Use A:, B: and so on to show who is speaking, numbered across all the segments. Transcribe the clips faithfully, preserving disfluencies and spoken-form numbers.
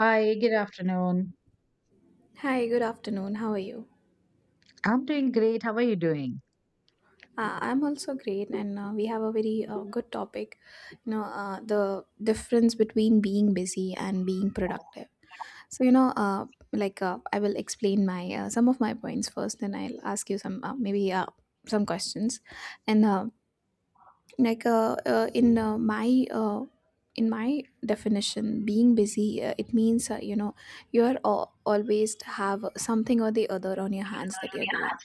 A: Hi, good afternoon.
B: Hi, good afternoon. How are you?
A: I'm doing great. How are you doing?
B: Uh, I'm also great, and uh, we have a very uh, good topic. You know, uh, the difference between being busy and being productive. So, you know, uh, like uh, I will explain my uh, some of my points first. Then I'll ask you some uh, maybe uh, some questions. And uh, like uh, uh, in uh, my uh, in my definition, being busy uh, it means uh, you know you are al- always have something or the other on your hands that you're doing,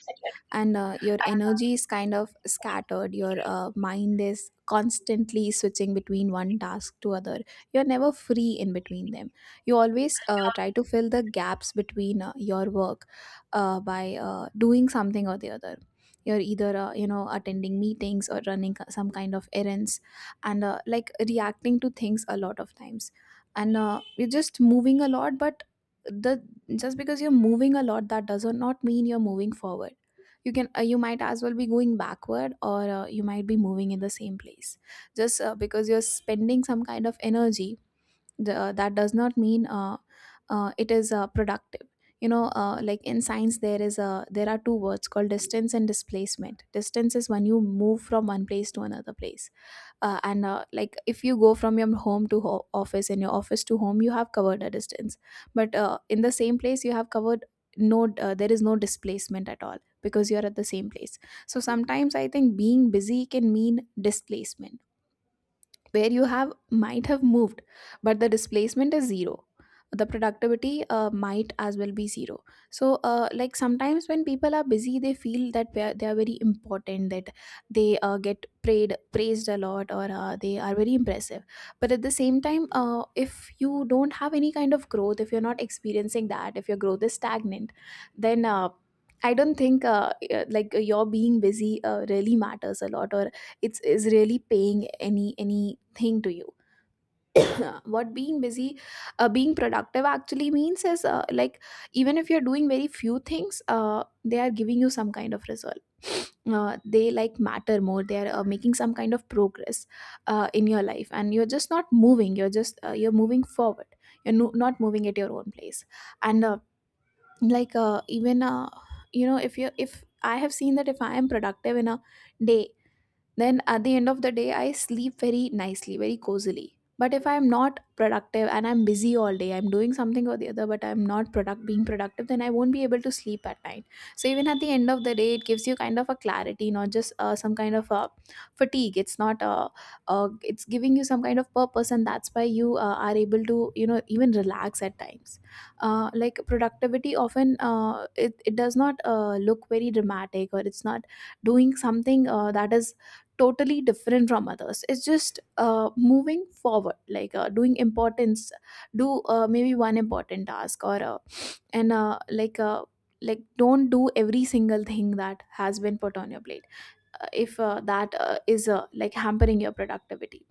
B: and uh, your energy is kind of scattered. Your uh, mind is constantly switching between one task to other. You're never free in between them. You always uh, try to fill the gaps between uh, your work uh, by uh, doing something or the other. You're either uh, you know attending meetings or running some kind of errands, and uh, like reacting to things a lot of times, and uh, you're just moving a lot. But the just because you're moving a lot, that does not mean you're moving forward. You can uh, you might as well be going backward, or uh, you might be moving in the same place. Just uh, because you're spending some kind of energy, the, uh, that does not mean uh, uh, it is uh, productive. You know, uh, like in science there is a there are two words called distance and displacement. Distance is when you move from one place to another place. Uh, and uh, like if you go from your home to ho- office, and your office to home, you have covered a distance. But uh, in the same place you have covered. No, uh, there is no displacement at all, because you're at the same place. So sometimes I think being busy can mean displacement, where you have might have moved, but the displacement is zero. The productivity uh, might as well be zero. So uh, like sometimes when people are busy, they feel that they are, they are very important, that they uh, get prayed praised a lot, or uh, they are very impressive. But at the same time, uh, if you don't have any kind of growth, if you're not experiencing that, if your growth is stagnant, then uh, I don't think uh, uh, like uh, your being busy uh, really matters a lot, or it's is really paying any anything to you. what being busy uh, Being productive actually means is, uh, like even if you're doing very few things, uh, they are giving you some kind of result. Uh, they like matter more. They are uh, making some kind of progress uh, in your life, and you're just not moving, you're just uh, you're moving forward, you're no, not moving at your own place. And uh, like uh, even uh, you know if you if I have seen that if I am productive in a day, then at the end of the day, I sleep very nicely, very cozily. But if I'm not productive and I'm busy all day, I'm doing something or the other, but I'm not product being productive, then I won't be able to sleep at night. So even at the end of the day, it gives you kind of a clarity, not just uh, some kind of a fatigue. It's not uh uh, It's giving you some kind of purpose, and that's why you uh, are able to you know even relax at times. Uh, like productivity often uh, it, it does not uh, look very dramatic, or it's not doing something uh, that is totally different from others. It's just uh, moving forward, like uh, doing importance do uh, maybe one important task, or uh, and uh, like uh, like, don't do every single thing that has been put on your plate uh, if uh, that uh, is uh, like hampering your productivity.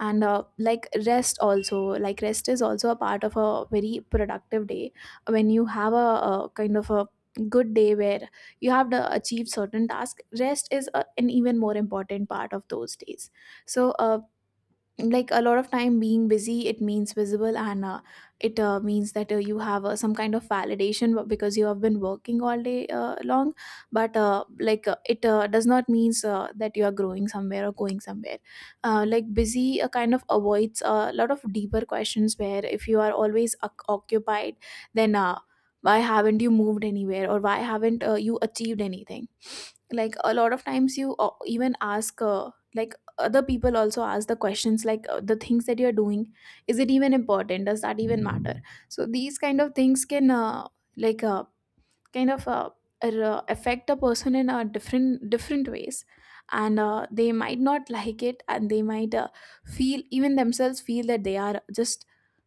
B: And uh, like rest also like, rest is also a part of a very productive day. When you have a, a kind of a good day where you have to achieve certain task, rest is a, an even more important part of those days. so uh, like a lot of time being busy it means visible, and uh, it uh, means that uh, you have uh, some kind of validation, b- because you have been working all day uh, long. But uh, like uh, it uh, does not means uh, that you are growing somewhere or going somewhere. Uh, like busy uh, kind of avoids a lot of deeper questions, where if you are always oc occupied, then uh, why haven't you moved anywhere, or why haven't uh, you achieved anything? Like a lot of times you uh, even ask, uh, like other people also ask the questions, like uh, the things that you're doing, is it even important? Does that even matter? So these kind of things can uh, like uh, kind of uh, r- uh, affect a person in a different different ways, and uh, they might not like it, and they might uh, feel even themselves feel that they are just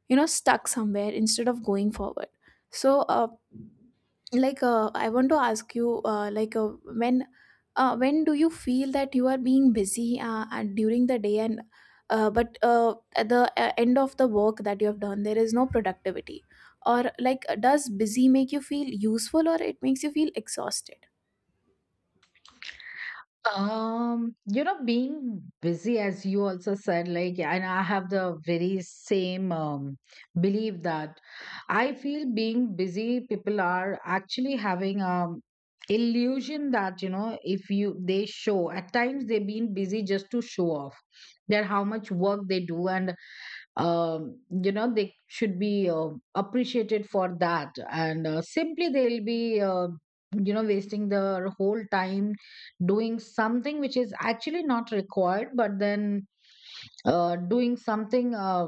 B: you know stuck somewhere instead of going forward. so uh, like uh, I want to ask you, uh, like uh, when uh, when do you feel that you are being busy uh, and during the day, and uh, but uh, at the uh, end of the work that you have done there is no productivity? Or like, does busy make you feel useful, or it makes you feel exhausted?
A: Um, you know, being busy, as you also said, like, and I have the very same um, belief that I feel being busy, people are actually having um illusion that, you know, if you they show at times they've been busy just to show off that how much work they do and um, you know they should be uh, appreciated for that and uh, simply they'll be uh, you know wasting their whole time doing something which is actually not required but then uh, doing something uh,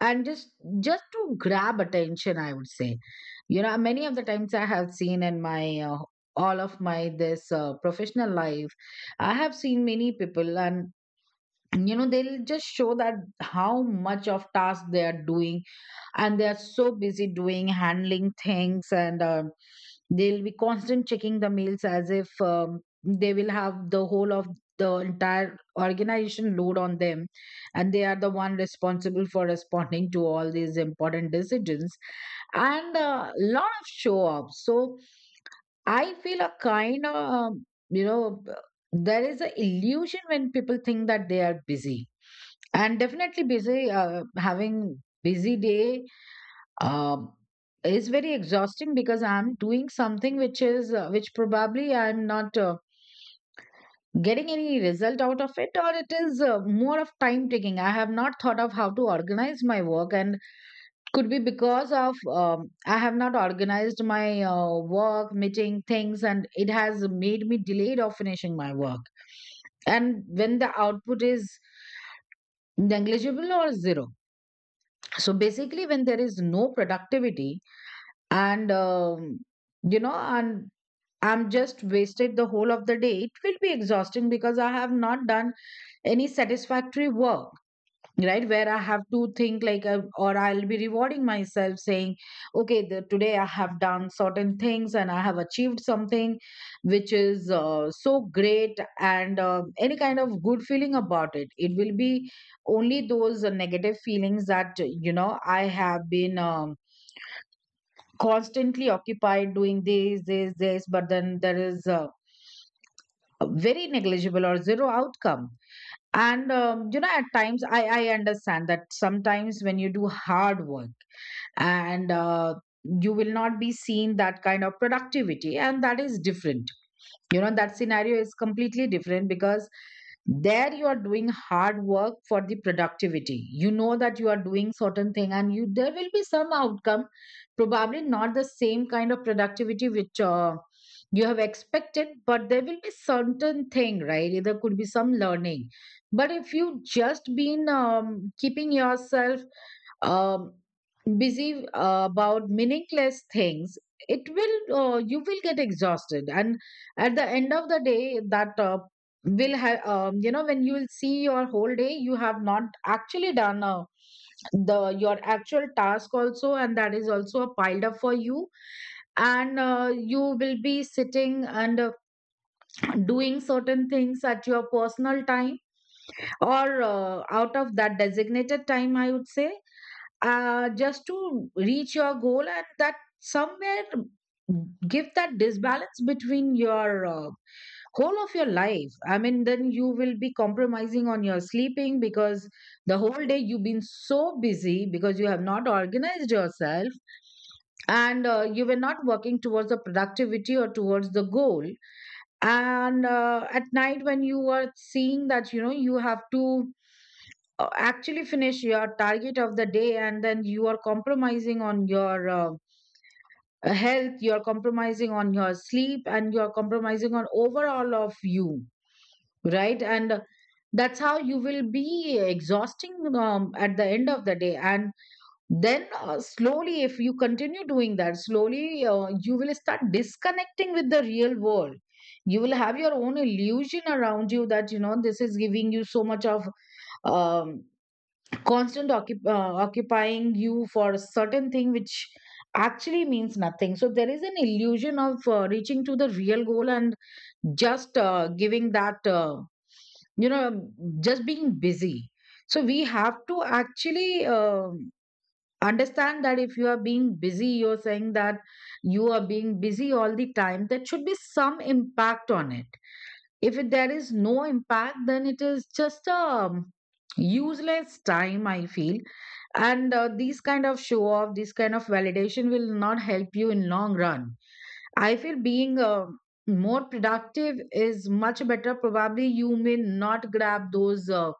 A: and just just to grab attention, I would say. You know, many of the times I have seen in my uh, all of my this uh, professional life, I have seen many people, and you know they'll just show that how much of task they are doing, and they are so busy doing handling things, and um, they'll be constant checking the mails as if um, they will have the whole of the entire organization load on them, and they are the one responsible for responding to all these important decisions and a lot of show up. So I feel a kind of, um, you know, there is a illusion when people think that they are busy, and definitely busy, uh, having busy day um, is very exhausting because I'm doing something which is uh, which probably I'm not uh, getting any result out of it, or it is uh, more of time taking. I have not thought of how to organize my work, and could be because of um, I have not organized my uh, work, meeting things, and it has made me delayed of finishing my work. And when the output is negligible or zero. So basically, when there is no productivity, and um, you know and I'm just wasted the whole of the day, it will be exhausting because I have not done any satisfactory work, right, where I have to think like uh, or I'll be rewarding myself saying okay the, today I have done certain things and I have achieved something which is uh, so great, and uh, any kind of good feeling about it, it will be only those uh, negative feelings that uh, you know I have been um, constantly occupied doing this, this, this, but then there is a, a very negligible or zero outcome. And, um, you know, at times I, I understand that sometimes when you do hard work and uh, you will not be seen that kind of productivity, and that is different. You know, that scenario is completely different because there you are doing hard work for the productivity, you know that you are doing certain thing and you there will be some outcome, probably not the same kind of productivity which uh, you have expected, but there will be certain thing, right, there could be some learning. But if you just been um, keeping yourself um, busy uh, about meaningless things, it will uh, you will get exhausted, and at the end of the day that uh, will have um, you know when you will see your whole day, you have not actually done uh, the your actual task also, and that is also a piled up for you, and uh, you will be sitting and uh, doing certain things at your personal time or uh, out of that designated time, I would say, uh, just to reach your goal, and that somewhere give that disbalance between your uh, whole of your life, I mean, then you will be compromising on your sleeping because the whole day you've been so busy because you have not organized yourself, and uh, you were not working towards the productivity or towards the goal, and uh, at night when you are seeing that you know you have to uh, actually finish your target of the day, and then you are compromising on your uh, health, you're compromising on your sleep, and you're compromising on overall of you, right. And that's how you will be exhausting um, at the end of the day, and then uh, slowly if you continue doing that, slowly uh, you will start disconnecting with the real world. You will have your own illusion around you that you know this is giving you so much of um, constant occup- uh, occupying you for a certain thing which actually means nothing. So there is an illusion of uh, reaching to the real goal and just uh, giving that uh, you know just being busy. So we have to actually um understand that if you are being busy, you're saying that you are being busy all the time, there should be some impact on it. If it- there is no impact, then it is just a useless time, I feel. And uh, these kind of show off, this kind of validation will not help you in long run. I feel being uh, more productive is much better. Probably you may not grab those uh,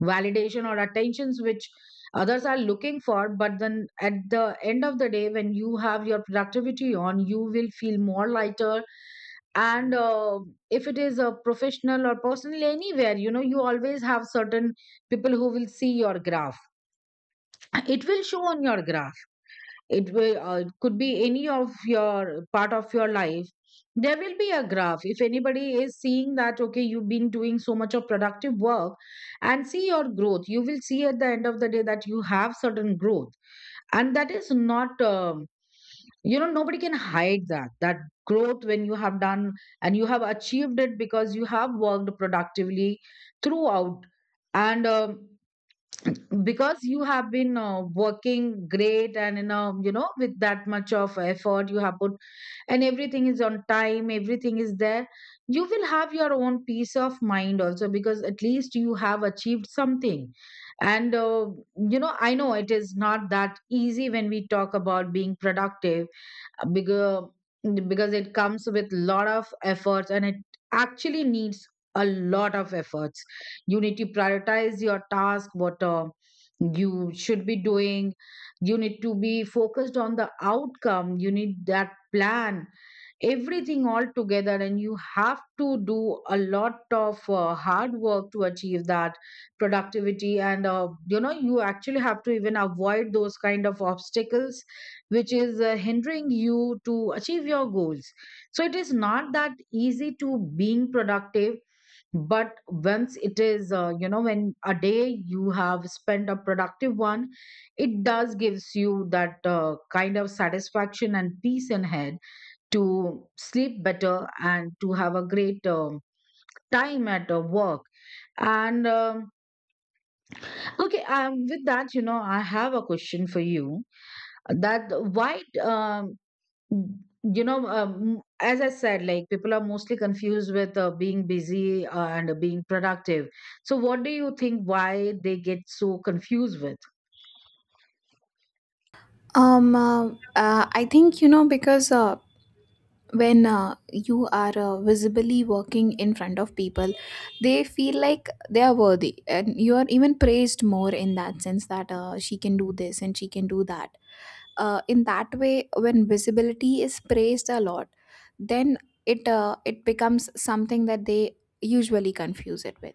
A: validation or attentions which others are looking for, but then at the end of the day, when you have your productivity on, you will feel more lighter, and uh, if it is a professional or personal anywhere, you know you always have certain people who will see your graph, it will show on your graph, it will uh, could be any of your part of your life, there will be a graph if anybody is seeing that okay you've been doing so much of productive work, and see your growth, you will see at the end of the day that you have certain growth, and that is not um, you know nobody can hide that that growth when you have done and you have achieved it because you have worked productively throughout. And um, because you have been uh, working great and in a, you know with that much of effort you have put and everything is on time, everything is there, you will have your own peace of mind also because at least you have achieved something. And uh, you know I know it is not that easy when we talk about being productive bigger because it comes with lot of efforts, and it actually needs a lot of efforts. You need to prioritize your task what uh, you should be doing, you need to be focused on the outcome, you need that plan everything all together, and you have to do a lot of uh, hard work to achieve that productivity. And uh, you know you actually have to even avoid those kind of obstacles which is uh, hindering you to achieve your goals. So it is not that easy to being productive, but once it is uh, you know when a day you have spent a productive one, it does gives you that uh, kind of satisfaction and peace in head to sleep better and to have a great um, time at uh, work. And um, okay um, With that, you know, I have a question for you that why um, Mm. You know, um, as I said, like people are mostly confused with uh, being busy uh, and being productive. So, what do you think why they get so confused with?
B: Um, uh, uh, I think, you know because uh, when uh, you are uh, visibly working in front of people, they feel like they are worthy, and you are even praised more, in that sense that uh, she can do this and she can do that. Uh, in that way, when visibility is praised a lot, then it uh, it becomes something that they usually confuse it with.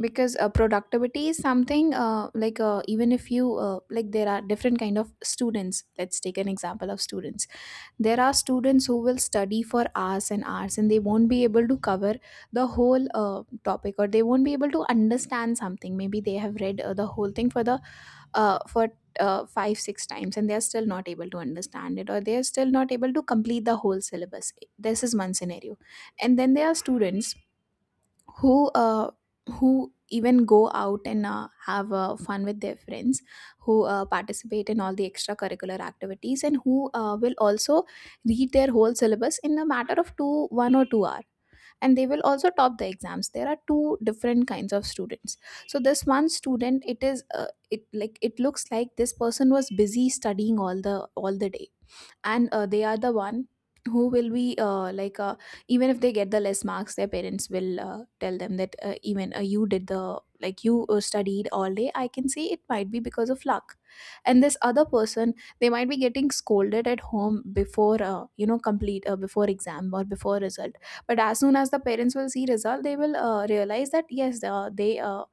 B: Because uh, productivity is something, uh, like uh, even if you uh, like there are different kind of students. Let's take an example of students. There are students who will study for hours and hours, and they won't be able to cover the whole uh, topic, or they won't be able to understand something. Maybe they have read uh, the whole thing for the uh, for uh, five six times, and they're still not able to understand it, or they're still not able to complete the whole syllabus. This is one scenario. And then there are students who uh, who even go out and uh, have uh, fun with their friends, who uh, participate in all the extracurricular activities, and who uh, will also read their whole syllabus in a matter of two one or two hour. And they will also top the exams. There are two different kinds of students. So this one student, it is uh, it like it looks like this person was busy studying all the all the day. And uh, they are the one who will be, uh, like uh, even if they get the less marks, their parents will uh, tell them that, uh, even uh, you did the like you uh, studied all day, I can say it might be because of luck. And this other person, they might be getting scolded at home before, uh, you know complete uh, before exam or before result. But as soon as the parents will see result, they will uh, realize that, yes, uh, they uh,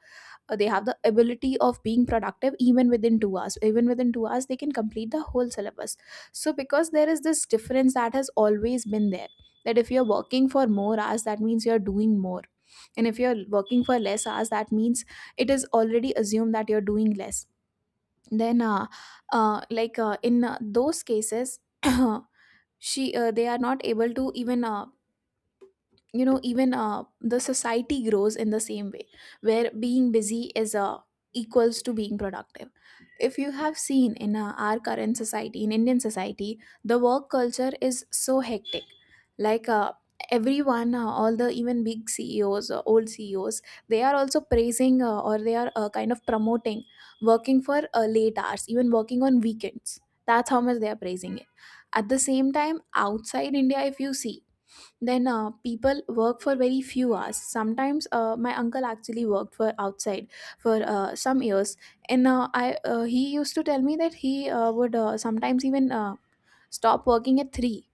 B: uh, they have the ability of being productive even within two hours. Even within two hours, they can complete the whole syllabus. So, because there is this difference that has always been there, that if you're working for more hours, that means you're doing more. And if you're working for less hours, that means it is already assumed that you're doing less. Then, uh, uh, like uh, in uh, those cases, she uh, they are not able to even, uh, you know even uh, the society grows in the same way where being busy is uh, equals to being productive. If you have seen in uh, our current society, in Indian society, the work culture is so hectic. like uh, Everyone, uh, all the even big CEOs, uh, old CEOs, they are also praising, uh, or they are uh, kind of promoting working for uh, late hours, even working on weekends. That's how much they are praising it. At the same time, outside India if you see, then uh, people work for very few hours. Sometimes, uh, my uncle actually worked for outside for uh, some years, and uh, I uh, he used to tell me that he uh, would, uh, sometimes even, uh, stop working at three,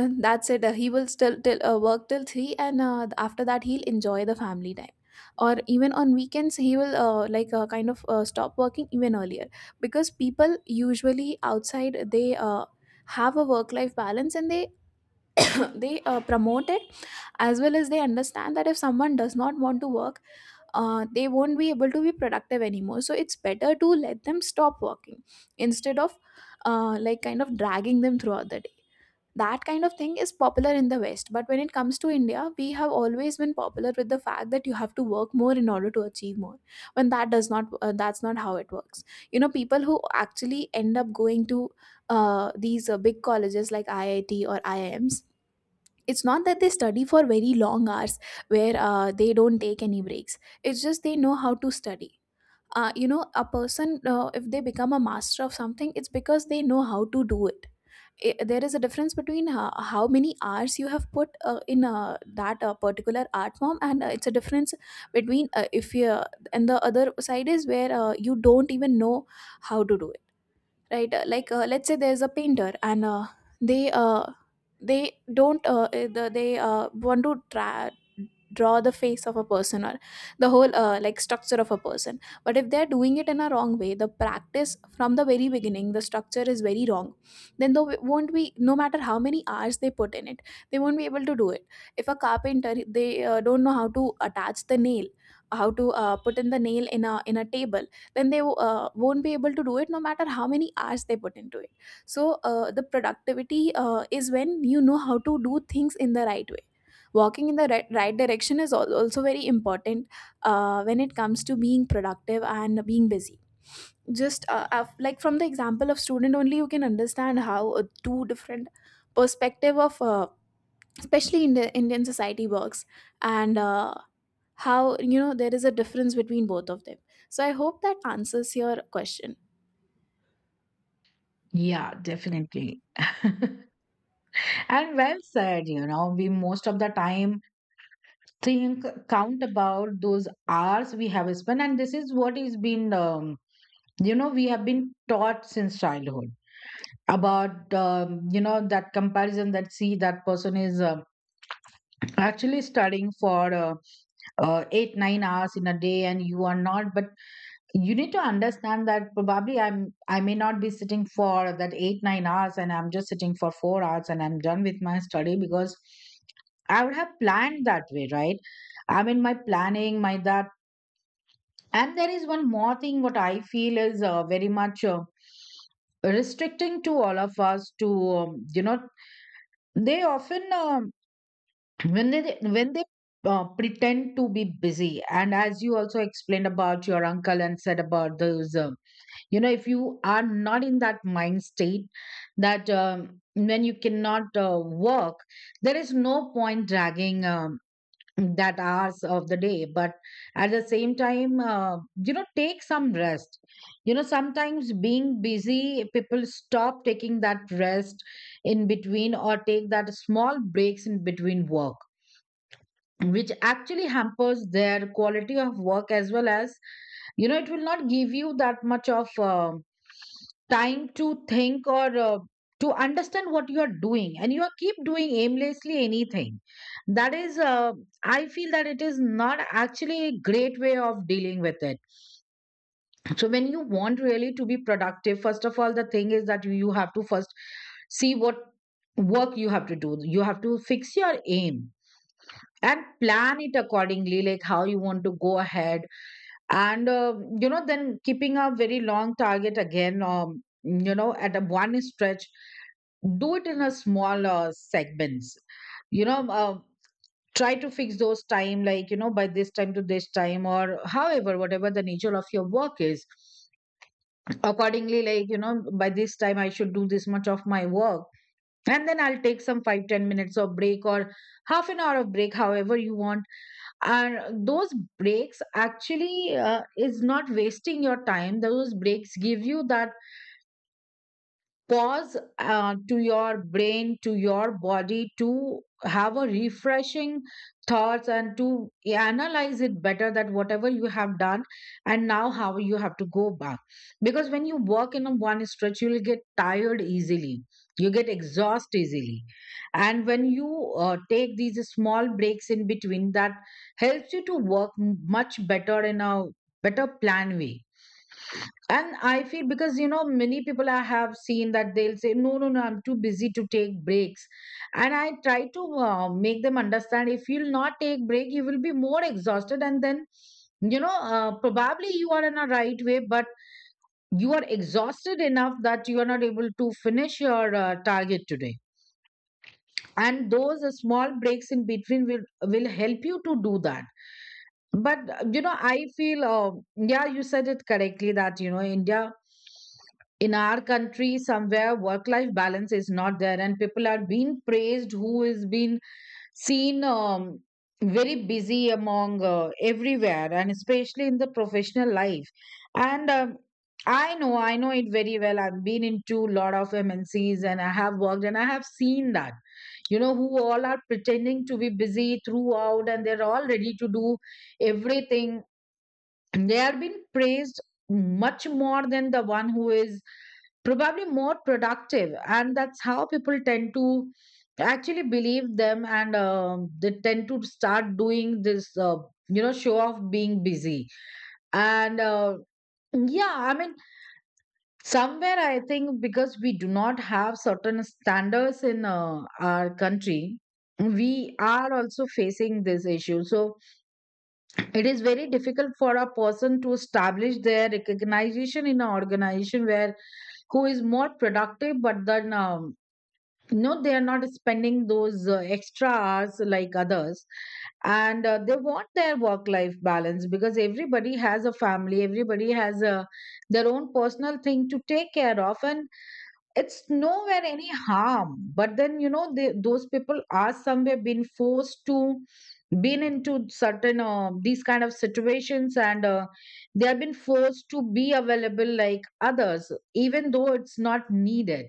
B: and that's it. Uh, he will still till, uh, work till three, and uh, after that he'll enjoy the family time, or even on weekends he will, uh, like uh, kind of, uh, stop working even earlier, because people usually outside they uh, have a work life balance, and they they uh, promote it, as well as they understand that if someone does not want to work, uh, they won't be able to be productive anymore, so it's better to let them stop working, instead of, uh, like kind of dragging them throughout the day. That kind of thing is popular in the west, but when it comes to India we have always been popular with the fact that you have to work more in order to achieve more, when that does not, uh, that's not how it works. You know, people who actually end up going to, uh, these uh, big colleges like IIT or IIMs, it's not that they study for very long hours where uh, they don't take any breaks. It's just they know how to study. Uh, you know, a person, uh, if they become a master of something, it's because they know how to do it. I there is a difference between how, how many hours you have put uh, in uh, that uh, particular art form, and uh, it's a difference between, uh, if you uh, and the other side is where uh, you don't even know how to do right. Uh, like uh, let's say there's a painter, and uh, they uh, they don't, uh, eh, the, they uh, want to try draw the face of a person, or the whole, uh, like structure of a person, but if they're doing it in a wrong way, the practice from the very beginning, the structure is very wrong, then they won't be, no matter how many hours they put in it, they won't be able to do it. If a carpenter, they uh, don't know how to attach the nail, how to uh, put in the nail in a in a table, then they uh, won't be able to do it, no matter how many hours they put into it. So uh, the productivity uh, is when you know how to do things in the right way. Walking in the right, right direction is al- also very important uh, when it comes to being productive and being busy. Just, uh, uh, like from the example of student only, you can understand how uh, two different perspective of, uh, especially in the Indian society, works. And uh, how, you know, there is a difference between both of them. So I hope that answers your question.
A: Yeah, definitely. And well said, you know, we most of the time think, count about those hours we have spent. And this is what is been, um, you know, we have been taught since childhood about, um, you know, that comparison that see that person is. Um, actually studying for uh, uh, eight nine hours in a day, and you are not. But you need to understand that probably i'm i may not be sitting for that eight nine hours, and I'm just sitting for four hours and I'm done with my study, because I would have planned that way, right? I mean, my planning, my that. And there is one more thing what I feel is uh, very much uh, restricting to all of us to, um, you know they often, um, when they when they uh, pretend to be busy. And as you also explained about your uncle and said about those, um, you know if you are not in that mind state, that um, when you cannot uh, work, there is no point dragging um, that hours of the day. But at the same time, uh, you know take some rest. You know sometimes being busy, people stop taking that rest in between, or take that small breaks in between work, which actually hampers their quality of work, as well as, you know it will not give you that much of uh, time to think or uh, to understand what you are doing, and you are keep doing aimlessly anything. That is, uh, I feel that it is not actually a great way of dealing with it. So when you want really to be productive, first of all the thing is that you have to first see what work you have to do. You have to fix your aim and plan it accordingly, like how you want to go ahead. And uh, you know then keeping a very long target again, um, you know at a one stretch, do it in a small uh, segments. you know uh, Try to fix those time, like you know by this time to this time, or however whatever the nature of your work is, accordingly, like you know by this time I should do this much of my work. And then I'll take some five ten minutes of break, or half an hour of break, however you want. And those breaks actually, uh, is not wasting your time. Those breaks give you that pause, uh, to your brain, to your body, to have a refreshing thoughts, and to analyze it better, that whatever you have done and now how you have to go back. Because when you work in a one stretch, you will get tired easily, you get exhaust easily. And when you uh, take these small breaks in between, that helps you to work m- much better in a better plan way. And I feel, because you know many people I have seen that they'll say, no, no, no, I'm too busy to take breaks, and I try to uh, make them understand, if you'll not take break, you will be more exhausted. And then, you know uh, probably you are in a right way, but you are exhausted enough that you are not able to finish your uh, target today. And those uh, small breaks in between will will help you to do that. But uh, you know I feel, uh, yeah, you said it correctly that you know India, in our country, somewhere work life balance is not there, and people are being praised who is being seen, um, very busy among uh, everywhere, and especially in the professional life. And um, I know, I know it very well. I've been into a lot of MNCs, and I have worked, and I have seen that, you know who all are pretending to be busy throughout, and they're all ready to do everything, they are being praised much more than the one who is probably more productive. And that's how people tend to actually believe them. And um, they tend to start doing this, uh, you know show of being busy. And uh, yeah, I mean, somewhere I think because we do not have certain standards in uh, our country, we are also facing this issue. So it is very difficult for a person to establish their recognition in an organization where who is more productive. But then, um, no, they are not spending those uh, extra hours like others. And uh, they want their work life balance, because everybody has a family, everybody has a, their own personal thing to take care of, and it's nowhere any harm. But then, you know they, those people are somewhere been forced to, been into certain, uh, these kind of situations. And uh, they have been forced to be available like others, even though it's not needed.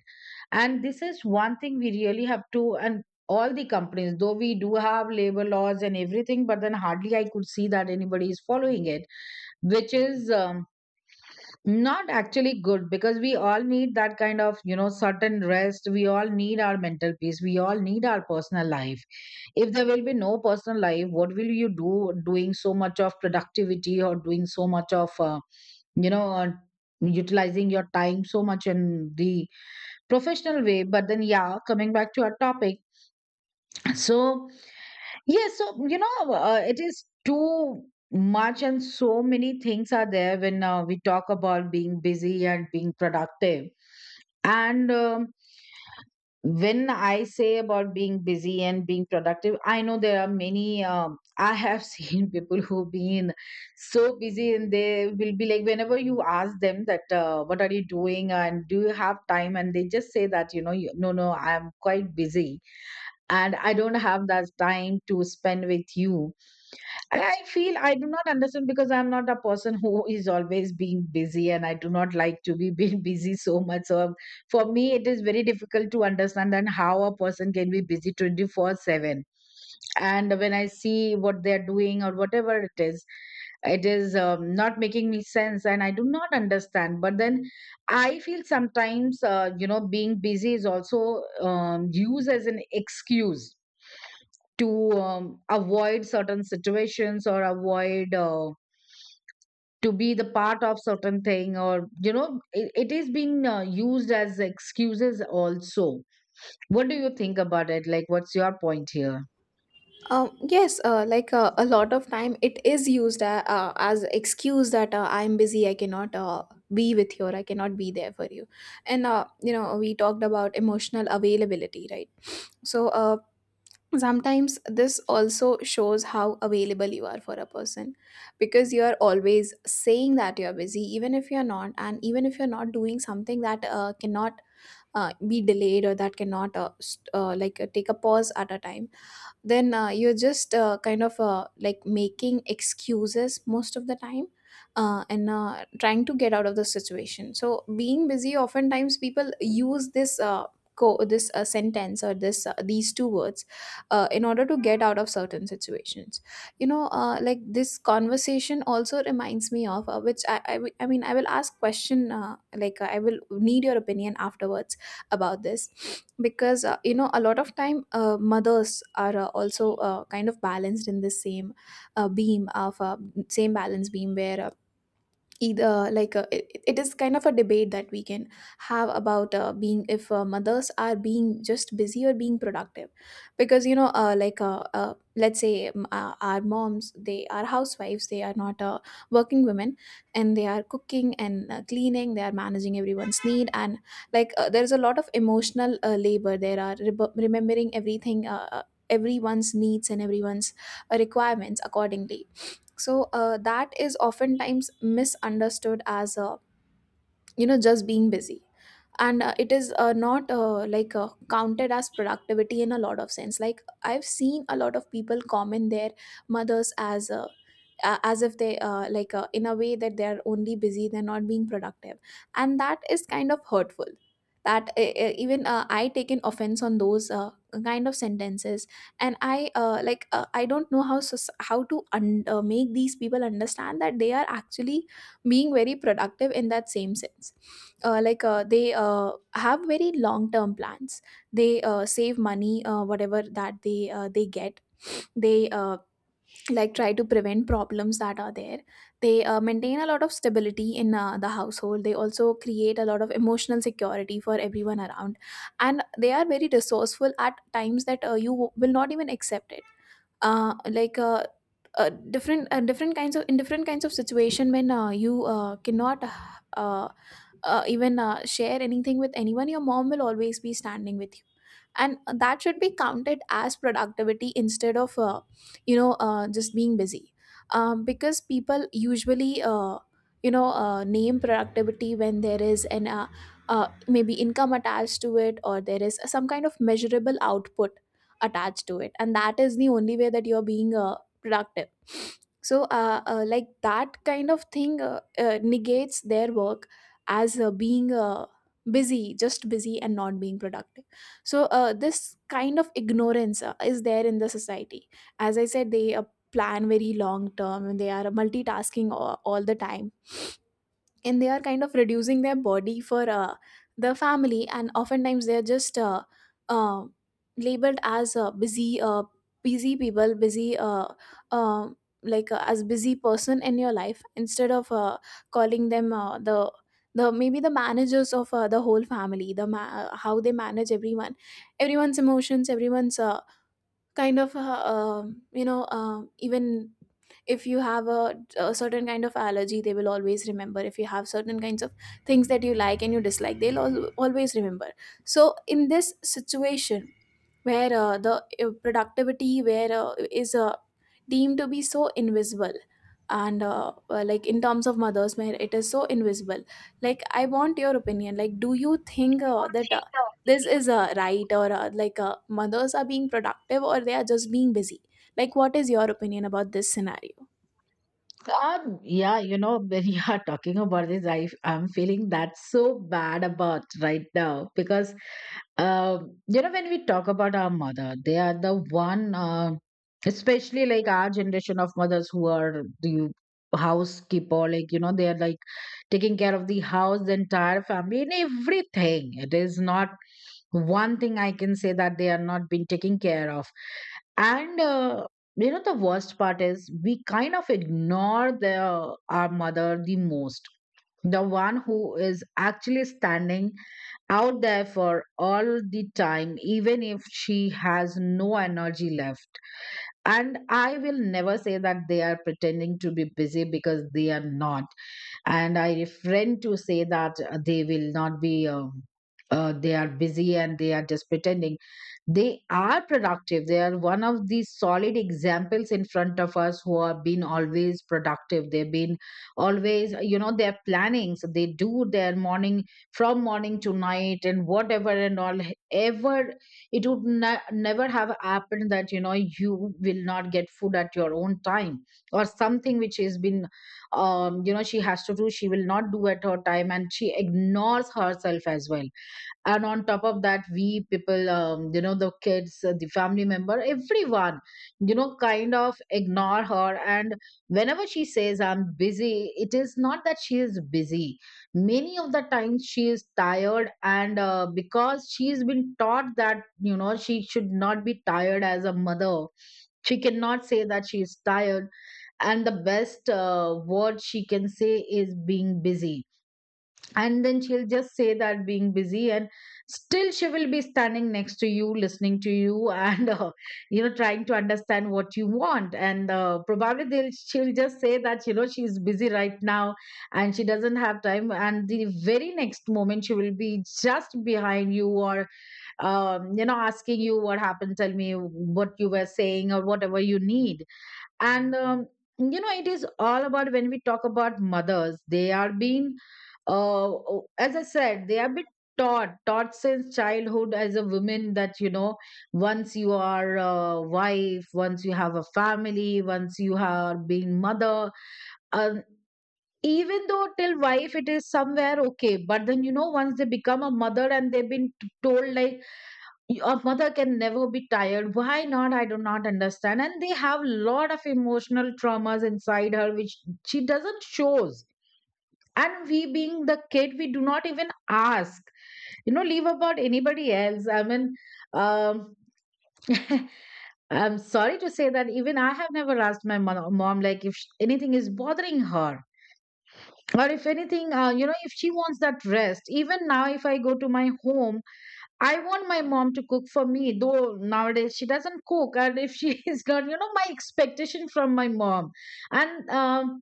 A: And this is one thing we really have to. And all the companies, though we do have labor laws and everything, but then hardly I could see that anybody is following it, which is, um, not actually good. Because we all need that kind of, you know, certain rest. We all need our mental peace. We all need our personal life. If there will be no personal life, what will you do, doing so much of productivity, or doing so much of, uh, you know, uh, utilizing your time so much in the professional way? But then, yeah, coming back to our topic. So, yeah, so you know, uh, it is too much, and so many things are there when uh, we talk about being busy and being productive. And um, when I say about being busy and being productive, I know there are many. Um, I have seen people who've been so busy, and they will be like, whenever you ask them that, uh, "What are you doing?" and "Do you have time?" And they just say that, you know, you, "No, no, I'm quite busy, and I don't have that time to spend with you." And I feel I do not understand, because I'm not a person who is always being busy, and I do not like to be being busy so much. So for me, it is very difficult to understand and how a person can be busy twenty-four seven. And when I see what they're doing or whatever it is, it is, um, not making me sense, and I do not understand. But then I feel sometimes, uh, you know, being busy is also, um, used as an excuse, to um, avoid certain situations, or avoid uh, to be the part of certain thing. Or you know it, it is being uh, used as excuses also. What do you think about it? Like, what's your point here?
B: Um, yes, uh, like uh, a lot of time it is used, uh, uh, as excuse that, uh, I'm busy, I cannot, uh, be with you, or I cannot be there for you. And, uh, you know, we talked about emotional availability, right? So uh, sometimes this also shows how available you are for a person, because you are always saying that you're busy, even if you're not, and even if you're not doing something that uh, cannot uh, be delayed, or that cannot, uh, st- uh, like uh, take a pause at a time, then uh, you're just, uh, kind of uh, like making excuses most of the time, uh, and uh, trying to get out of the situation. So being busy, oftentimes people use this, uh, co- this uh, sentence, or this uh, these two words, uh, in order to get out of certain situations. You know, uh, like this conversation also reminds me of, uh, which I, I w- I mean I will ask question, uh, like uh, I will need your opinion afterwards about this, because, uh, you know, a lot of time, uh, mothers are, uh, also uh, kind of balanced in the same uh, beam of uh, same balance beam where, uh, either like uh, it, it is kind of a debate that we can have about, uh, being if uh, mothers are being just busy or being productive. Because, you know, uh, like uh, uh, let's say, um, uh, our moms, they are housewives, they are not uh, working women, and they are cooking, and uh, cleaning, they are managing everyone's need, and like uh, there's a lot of emotional uh, labor, there are rebe- remembering everything, uh, uh, everyone's needs and everyone's uh, requirements accordingly. So uh, that is oftentimes misunderstood as a, you know, just being busy, and uh, it is uh, not uh, like uh, counted as productivity in a lot of sense. Like I've seen a lot of people comment their mothers as, uh, uh, as if they, uh, like uh, in a way that they're only busy, they're not being productive, and that is kind of hurtful. That uh, uh, Even uh, I taken offense on those uh, kind of sentences. And i uh, like uh, I don't know how soc- how to un- uh, make these people understand that they are actually being very productive in that same sense. Uh, like uh, they uh, have very long term plans, they uh, save money, uh, whatever that they uh, they get. They uh, like try to prevent problems that are there. They uh, maintain a lot of stability in uh, the household. They also create a lot of emotional security for everyone around, and they are very resourceful at times that uh, you will not even accept it. uh, like uh, uh, different uh, Different kinds of, in different kinds of situation, when uh, you uh, cannot, uh, uh, even uh, share anything with anyone, your mom will always be standing with you, and that should be counted as productivity instead of, uh, you know, uh, just being busy. Um, because people usually uh, you know uh, name productivity when there is an, uh, uh, maybe income attached to it, or there is some kind of measurable output attached to it, and that is the only way that you're being uh, productive. So, uh, uh, like that kind of thing uh, uh, negates their work as uh, being, uh, busy, just busy, and not being productive. So uh, this kind of ignorance uh, is there in the society. As I said, they uh, plan very long term, and they are multitasking all, all the time, and they are kind of reducing their body for uh, the family, and oftentimes they are just, uh, uh, labeled as, uh, busy, uh, busy people busy uh, uh, like uh, as busy person in your life, instead of uh, calling them, uh, the the maybe the managers of uh, the whole family. The ma- uh, how they manage everyone, everyone's emotions, everyone's uh, kind of, uh, um, you know um, even if you have a, a certain kind of allergy, they will always remember. If you have certain kinds of things that you like and you dislike, they'll al- always remember. So in this situation where uh, the uh, productivity where uh, is uh, deemed to be so invisible, and uh, uh, like in terms of mothers where it is so invisible, like I want your opinion. Like, do you think uh, that uh, this is uh, right, or uh, like uh, mothers are being productive, or they are just being busy? Like, what is your opinion about this scenario?
A: Um, yeah, you know, when you are talking about this, I I'm feeling that so bad about right now. Because, Um, you know, when we talk about our mother, they are the one, uh, especially like our generation of mothers who are the housekeeper, like, you know, they are like taking care of the house, the entire family, and everything. It is not one thing I can say that they are not being taken care of. And, uh, you know, the worst part is we kind of ignore the, our mother the most. The one who is actually standing out there for all the time, even if she has no energy left. And I will never say that they are pretending to be busy, because they are not, and I refrain to say that uh, they will not be. Um, uh, they are busy and they are just pretending. They are productive. They are one of the solid examples in front of us who have been always productive. They've been always, you know they're planning. So they do their morning, from morning to night, and whatever and all ever, it would ne- never have happened that you know you will not get food at your own time, or something which has been, um you know she has to do, she will not do at her time, and she ignores herself as well. And on top of that, we people, um you know the kids, uh, the family member, everyone, you know kind of ignore her. And whenever she says I'm busy, it is not that she is busy. Many of the times she is tired, and uh, because she's been taught that you know she should not be tired as a mother, she cannot say that she is tired. And the best uh, word she can say is being busy. And then she'll just say that, being busy, and still she will be standing next to you, listening to you, and uh, you know trying to understand what you want. And uh, probably they'll she'll just say that you know she's busy right now and she doesn't have time. And the very next moment she will be just behind you, or um, you know asking you what happened, tell me what you were saying or whatever you need. And um, you know it is all about, when we talk about mothers, they are being, uh, o- as I said, they have been taught taught since childhood as a woman that, you know once you are a wife, once you have a family, once you are being mother, um, even though till wife it is somewhere okay. But then, you know once they become a mother, and they've been t- told like your mother can never be tired. Why not? I do not understand. And they have lot of emotional traumas inside her which she doesn't shows. And we being the kid, we do not even ask, you know leave about anybody else, I mean, um I'm sorry to say that even I have never asked my mom, mom, like if sh- anything is bothering her, or if anything, uh, you know if she wants that rest. Even now, if I go to my home, I want my mom to cook for me, though nowadays she doesn't cook. And if she is not, you know, my expectation from my mom. And um,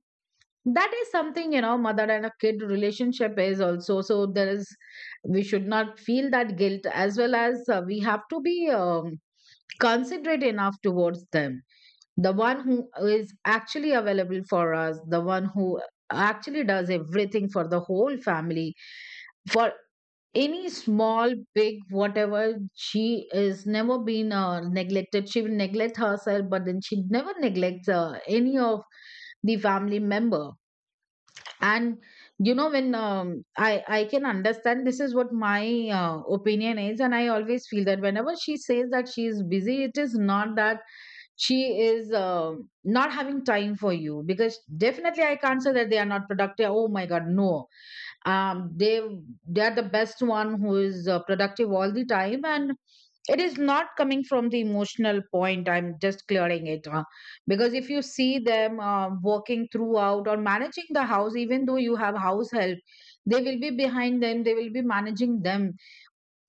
A: that is something, you know, mother and a kid relationship is also. So there is, we should not feel that guilt, as well as uh, we have to be um, considerate enough towards them. The one who is actually available for us, the one who actually does everything for the whole family, for any small big whatever, she is never been uh, neglected. She will neglect herself, but then she never neglects uh, any of the family member. And, you know when, um, i i can understand, this is what my uh, opinion is. And I always feel that whenever she says that she is busy, it is not that she is, uh, not having time for you. Because definitely I can't say that they are not productive. Oh my God, no. um, they they are the best one who is uh, productive all the time. And it is not coming from the emotional point, I'm just clearing it, uh, because if you see them uh, working throughout, or managing the house, even though you have house help, they will be behind them, they will be managing them.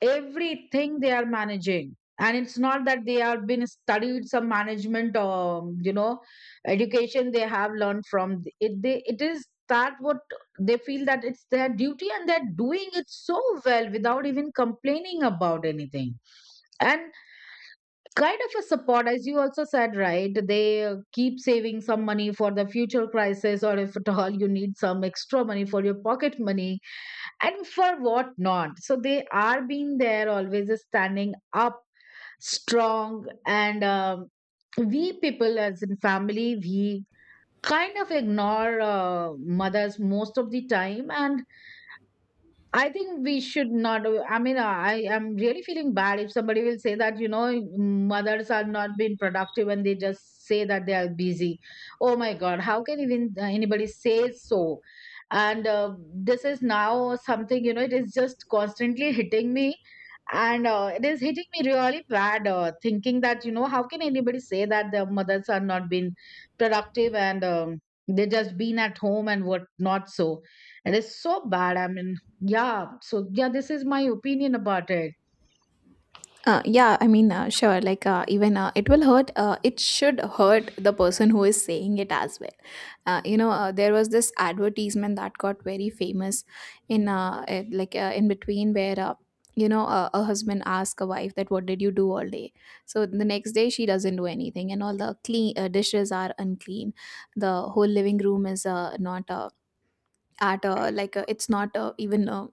A: Everything they are managing, and it's not that they have been studied some management, or you know education they have learned from it. They, it is that what they feel that it's their duty, and they're doing it so well without even complaining about anything. And kind of a support, as you also said, right, they uh, keep saving some money for the future crisis, or if at all you need some extra money for your pocket money and for what not. So they are being there, always standing up strong. And um, we people as in family, we kind of ignore uh, mothers most of the time. And I think we should not. do- I mean, I am really feeling bad if somebody will say that, you know, mothers are not being productive and they just say that they are busy. Oh my God, how can even uh, anybody say so? And uh, this is now something, you know, it is just constantly hitting me. And uh, it is hitting me really bad, uh, thinking that you know how can anybody say that their mothers are not been productive. And um, they just been at home and what not. So it is so bad, I mean, yeah. So yeah, this is my opinion about it.
B: Uh, yeah, I mean, uh, sure. Like, uh, even uh, it will hurt. Uh, it should hurt the person who is saying it as well. Uh, you know, uh, there was this advertisement that got very famous in, uh, eh, like uh, in between, where, uh, you know, a, a husband asked a wife that, what did you do all day? So the next day she doesn't do anything, and all the clean uh, dishes are unclean. The whole living room is uh, not. Uh, at uh, like uh, It's not, uh, even uh,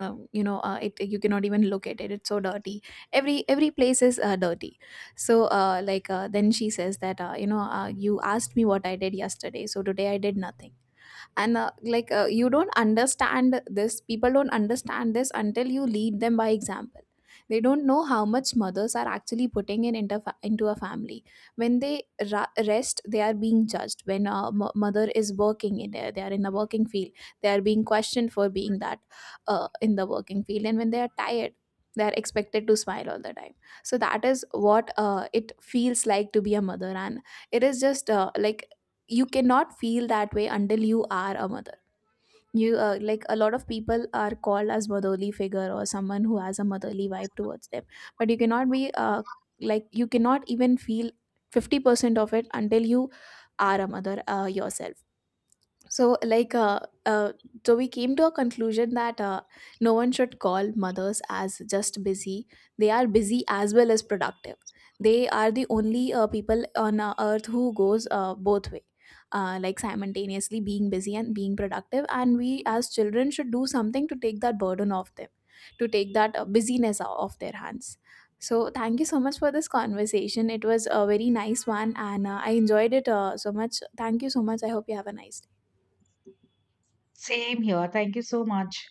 B: um, you know uh, it, you cannot even look at it, it's so dirty. every every place is uh, dirty. So, uh, like uh, then she says that, uh, you know uh, you asked me what I did yesterday, so today I did nothing. And uh, like uh, you don't understand this, people don't understand this until you lead them by example. They don't know how much mothers are actually putting in into, fa- into a family. When they ra- rest, they are being judged. When a mo- mother is working in there, they are in the working field, they are being questioned for being that, uh, in the working field. And when they are tired, they are expected to smile all the time. So that is what uh, it feels like to be a mother. And it is just, uh, like you cannot feel that way until you are a mother. You uh, like A lot of people are called as motherly figure, or someone who has a motherly vibe towards them, but you cannot be, uh, like you cannot even feel fifty percent of it until you are a mother uh, yourself. So like uh, uh so we came to a conclusion that uh, no one should call mothers as just busy. They are busy as well as productive. They are the only uh, people on uh, earth who goes uh, both way, uh, like simultaneously being busy and being productive. And we as children should do something to take that burden off them, to take that uh, busyness o- off their hands. So thank you so much for this conversation. It was a very nice one, and uh, I enjoyed it uh, so much. Thank you so much. I hope you have a nice day.
A: Same here. Thank you so much.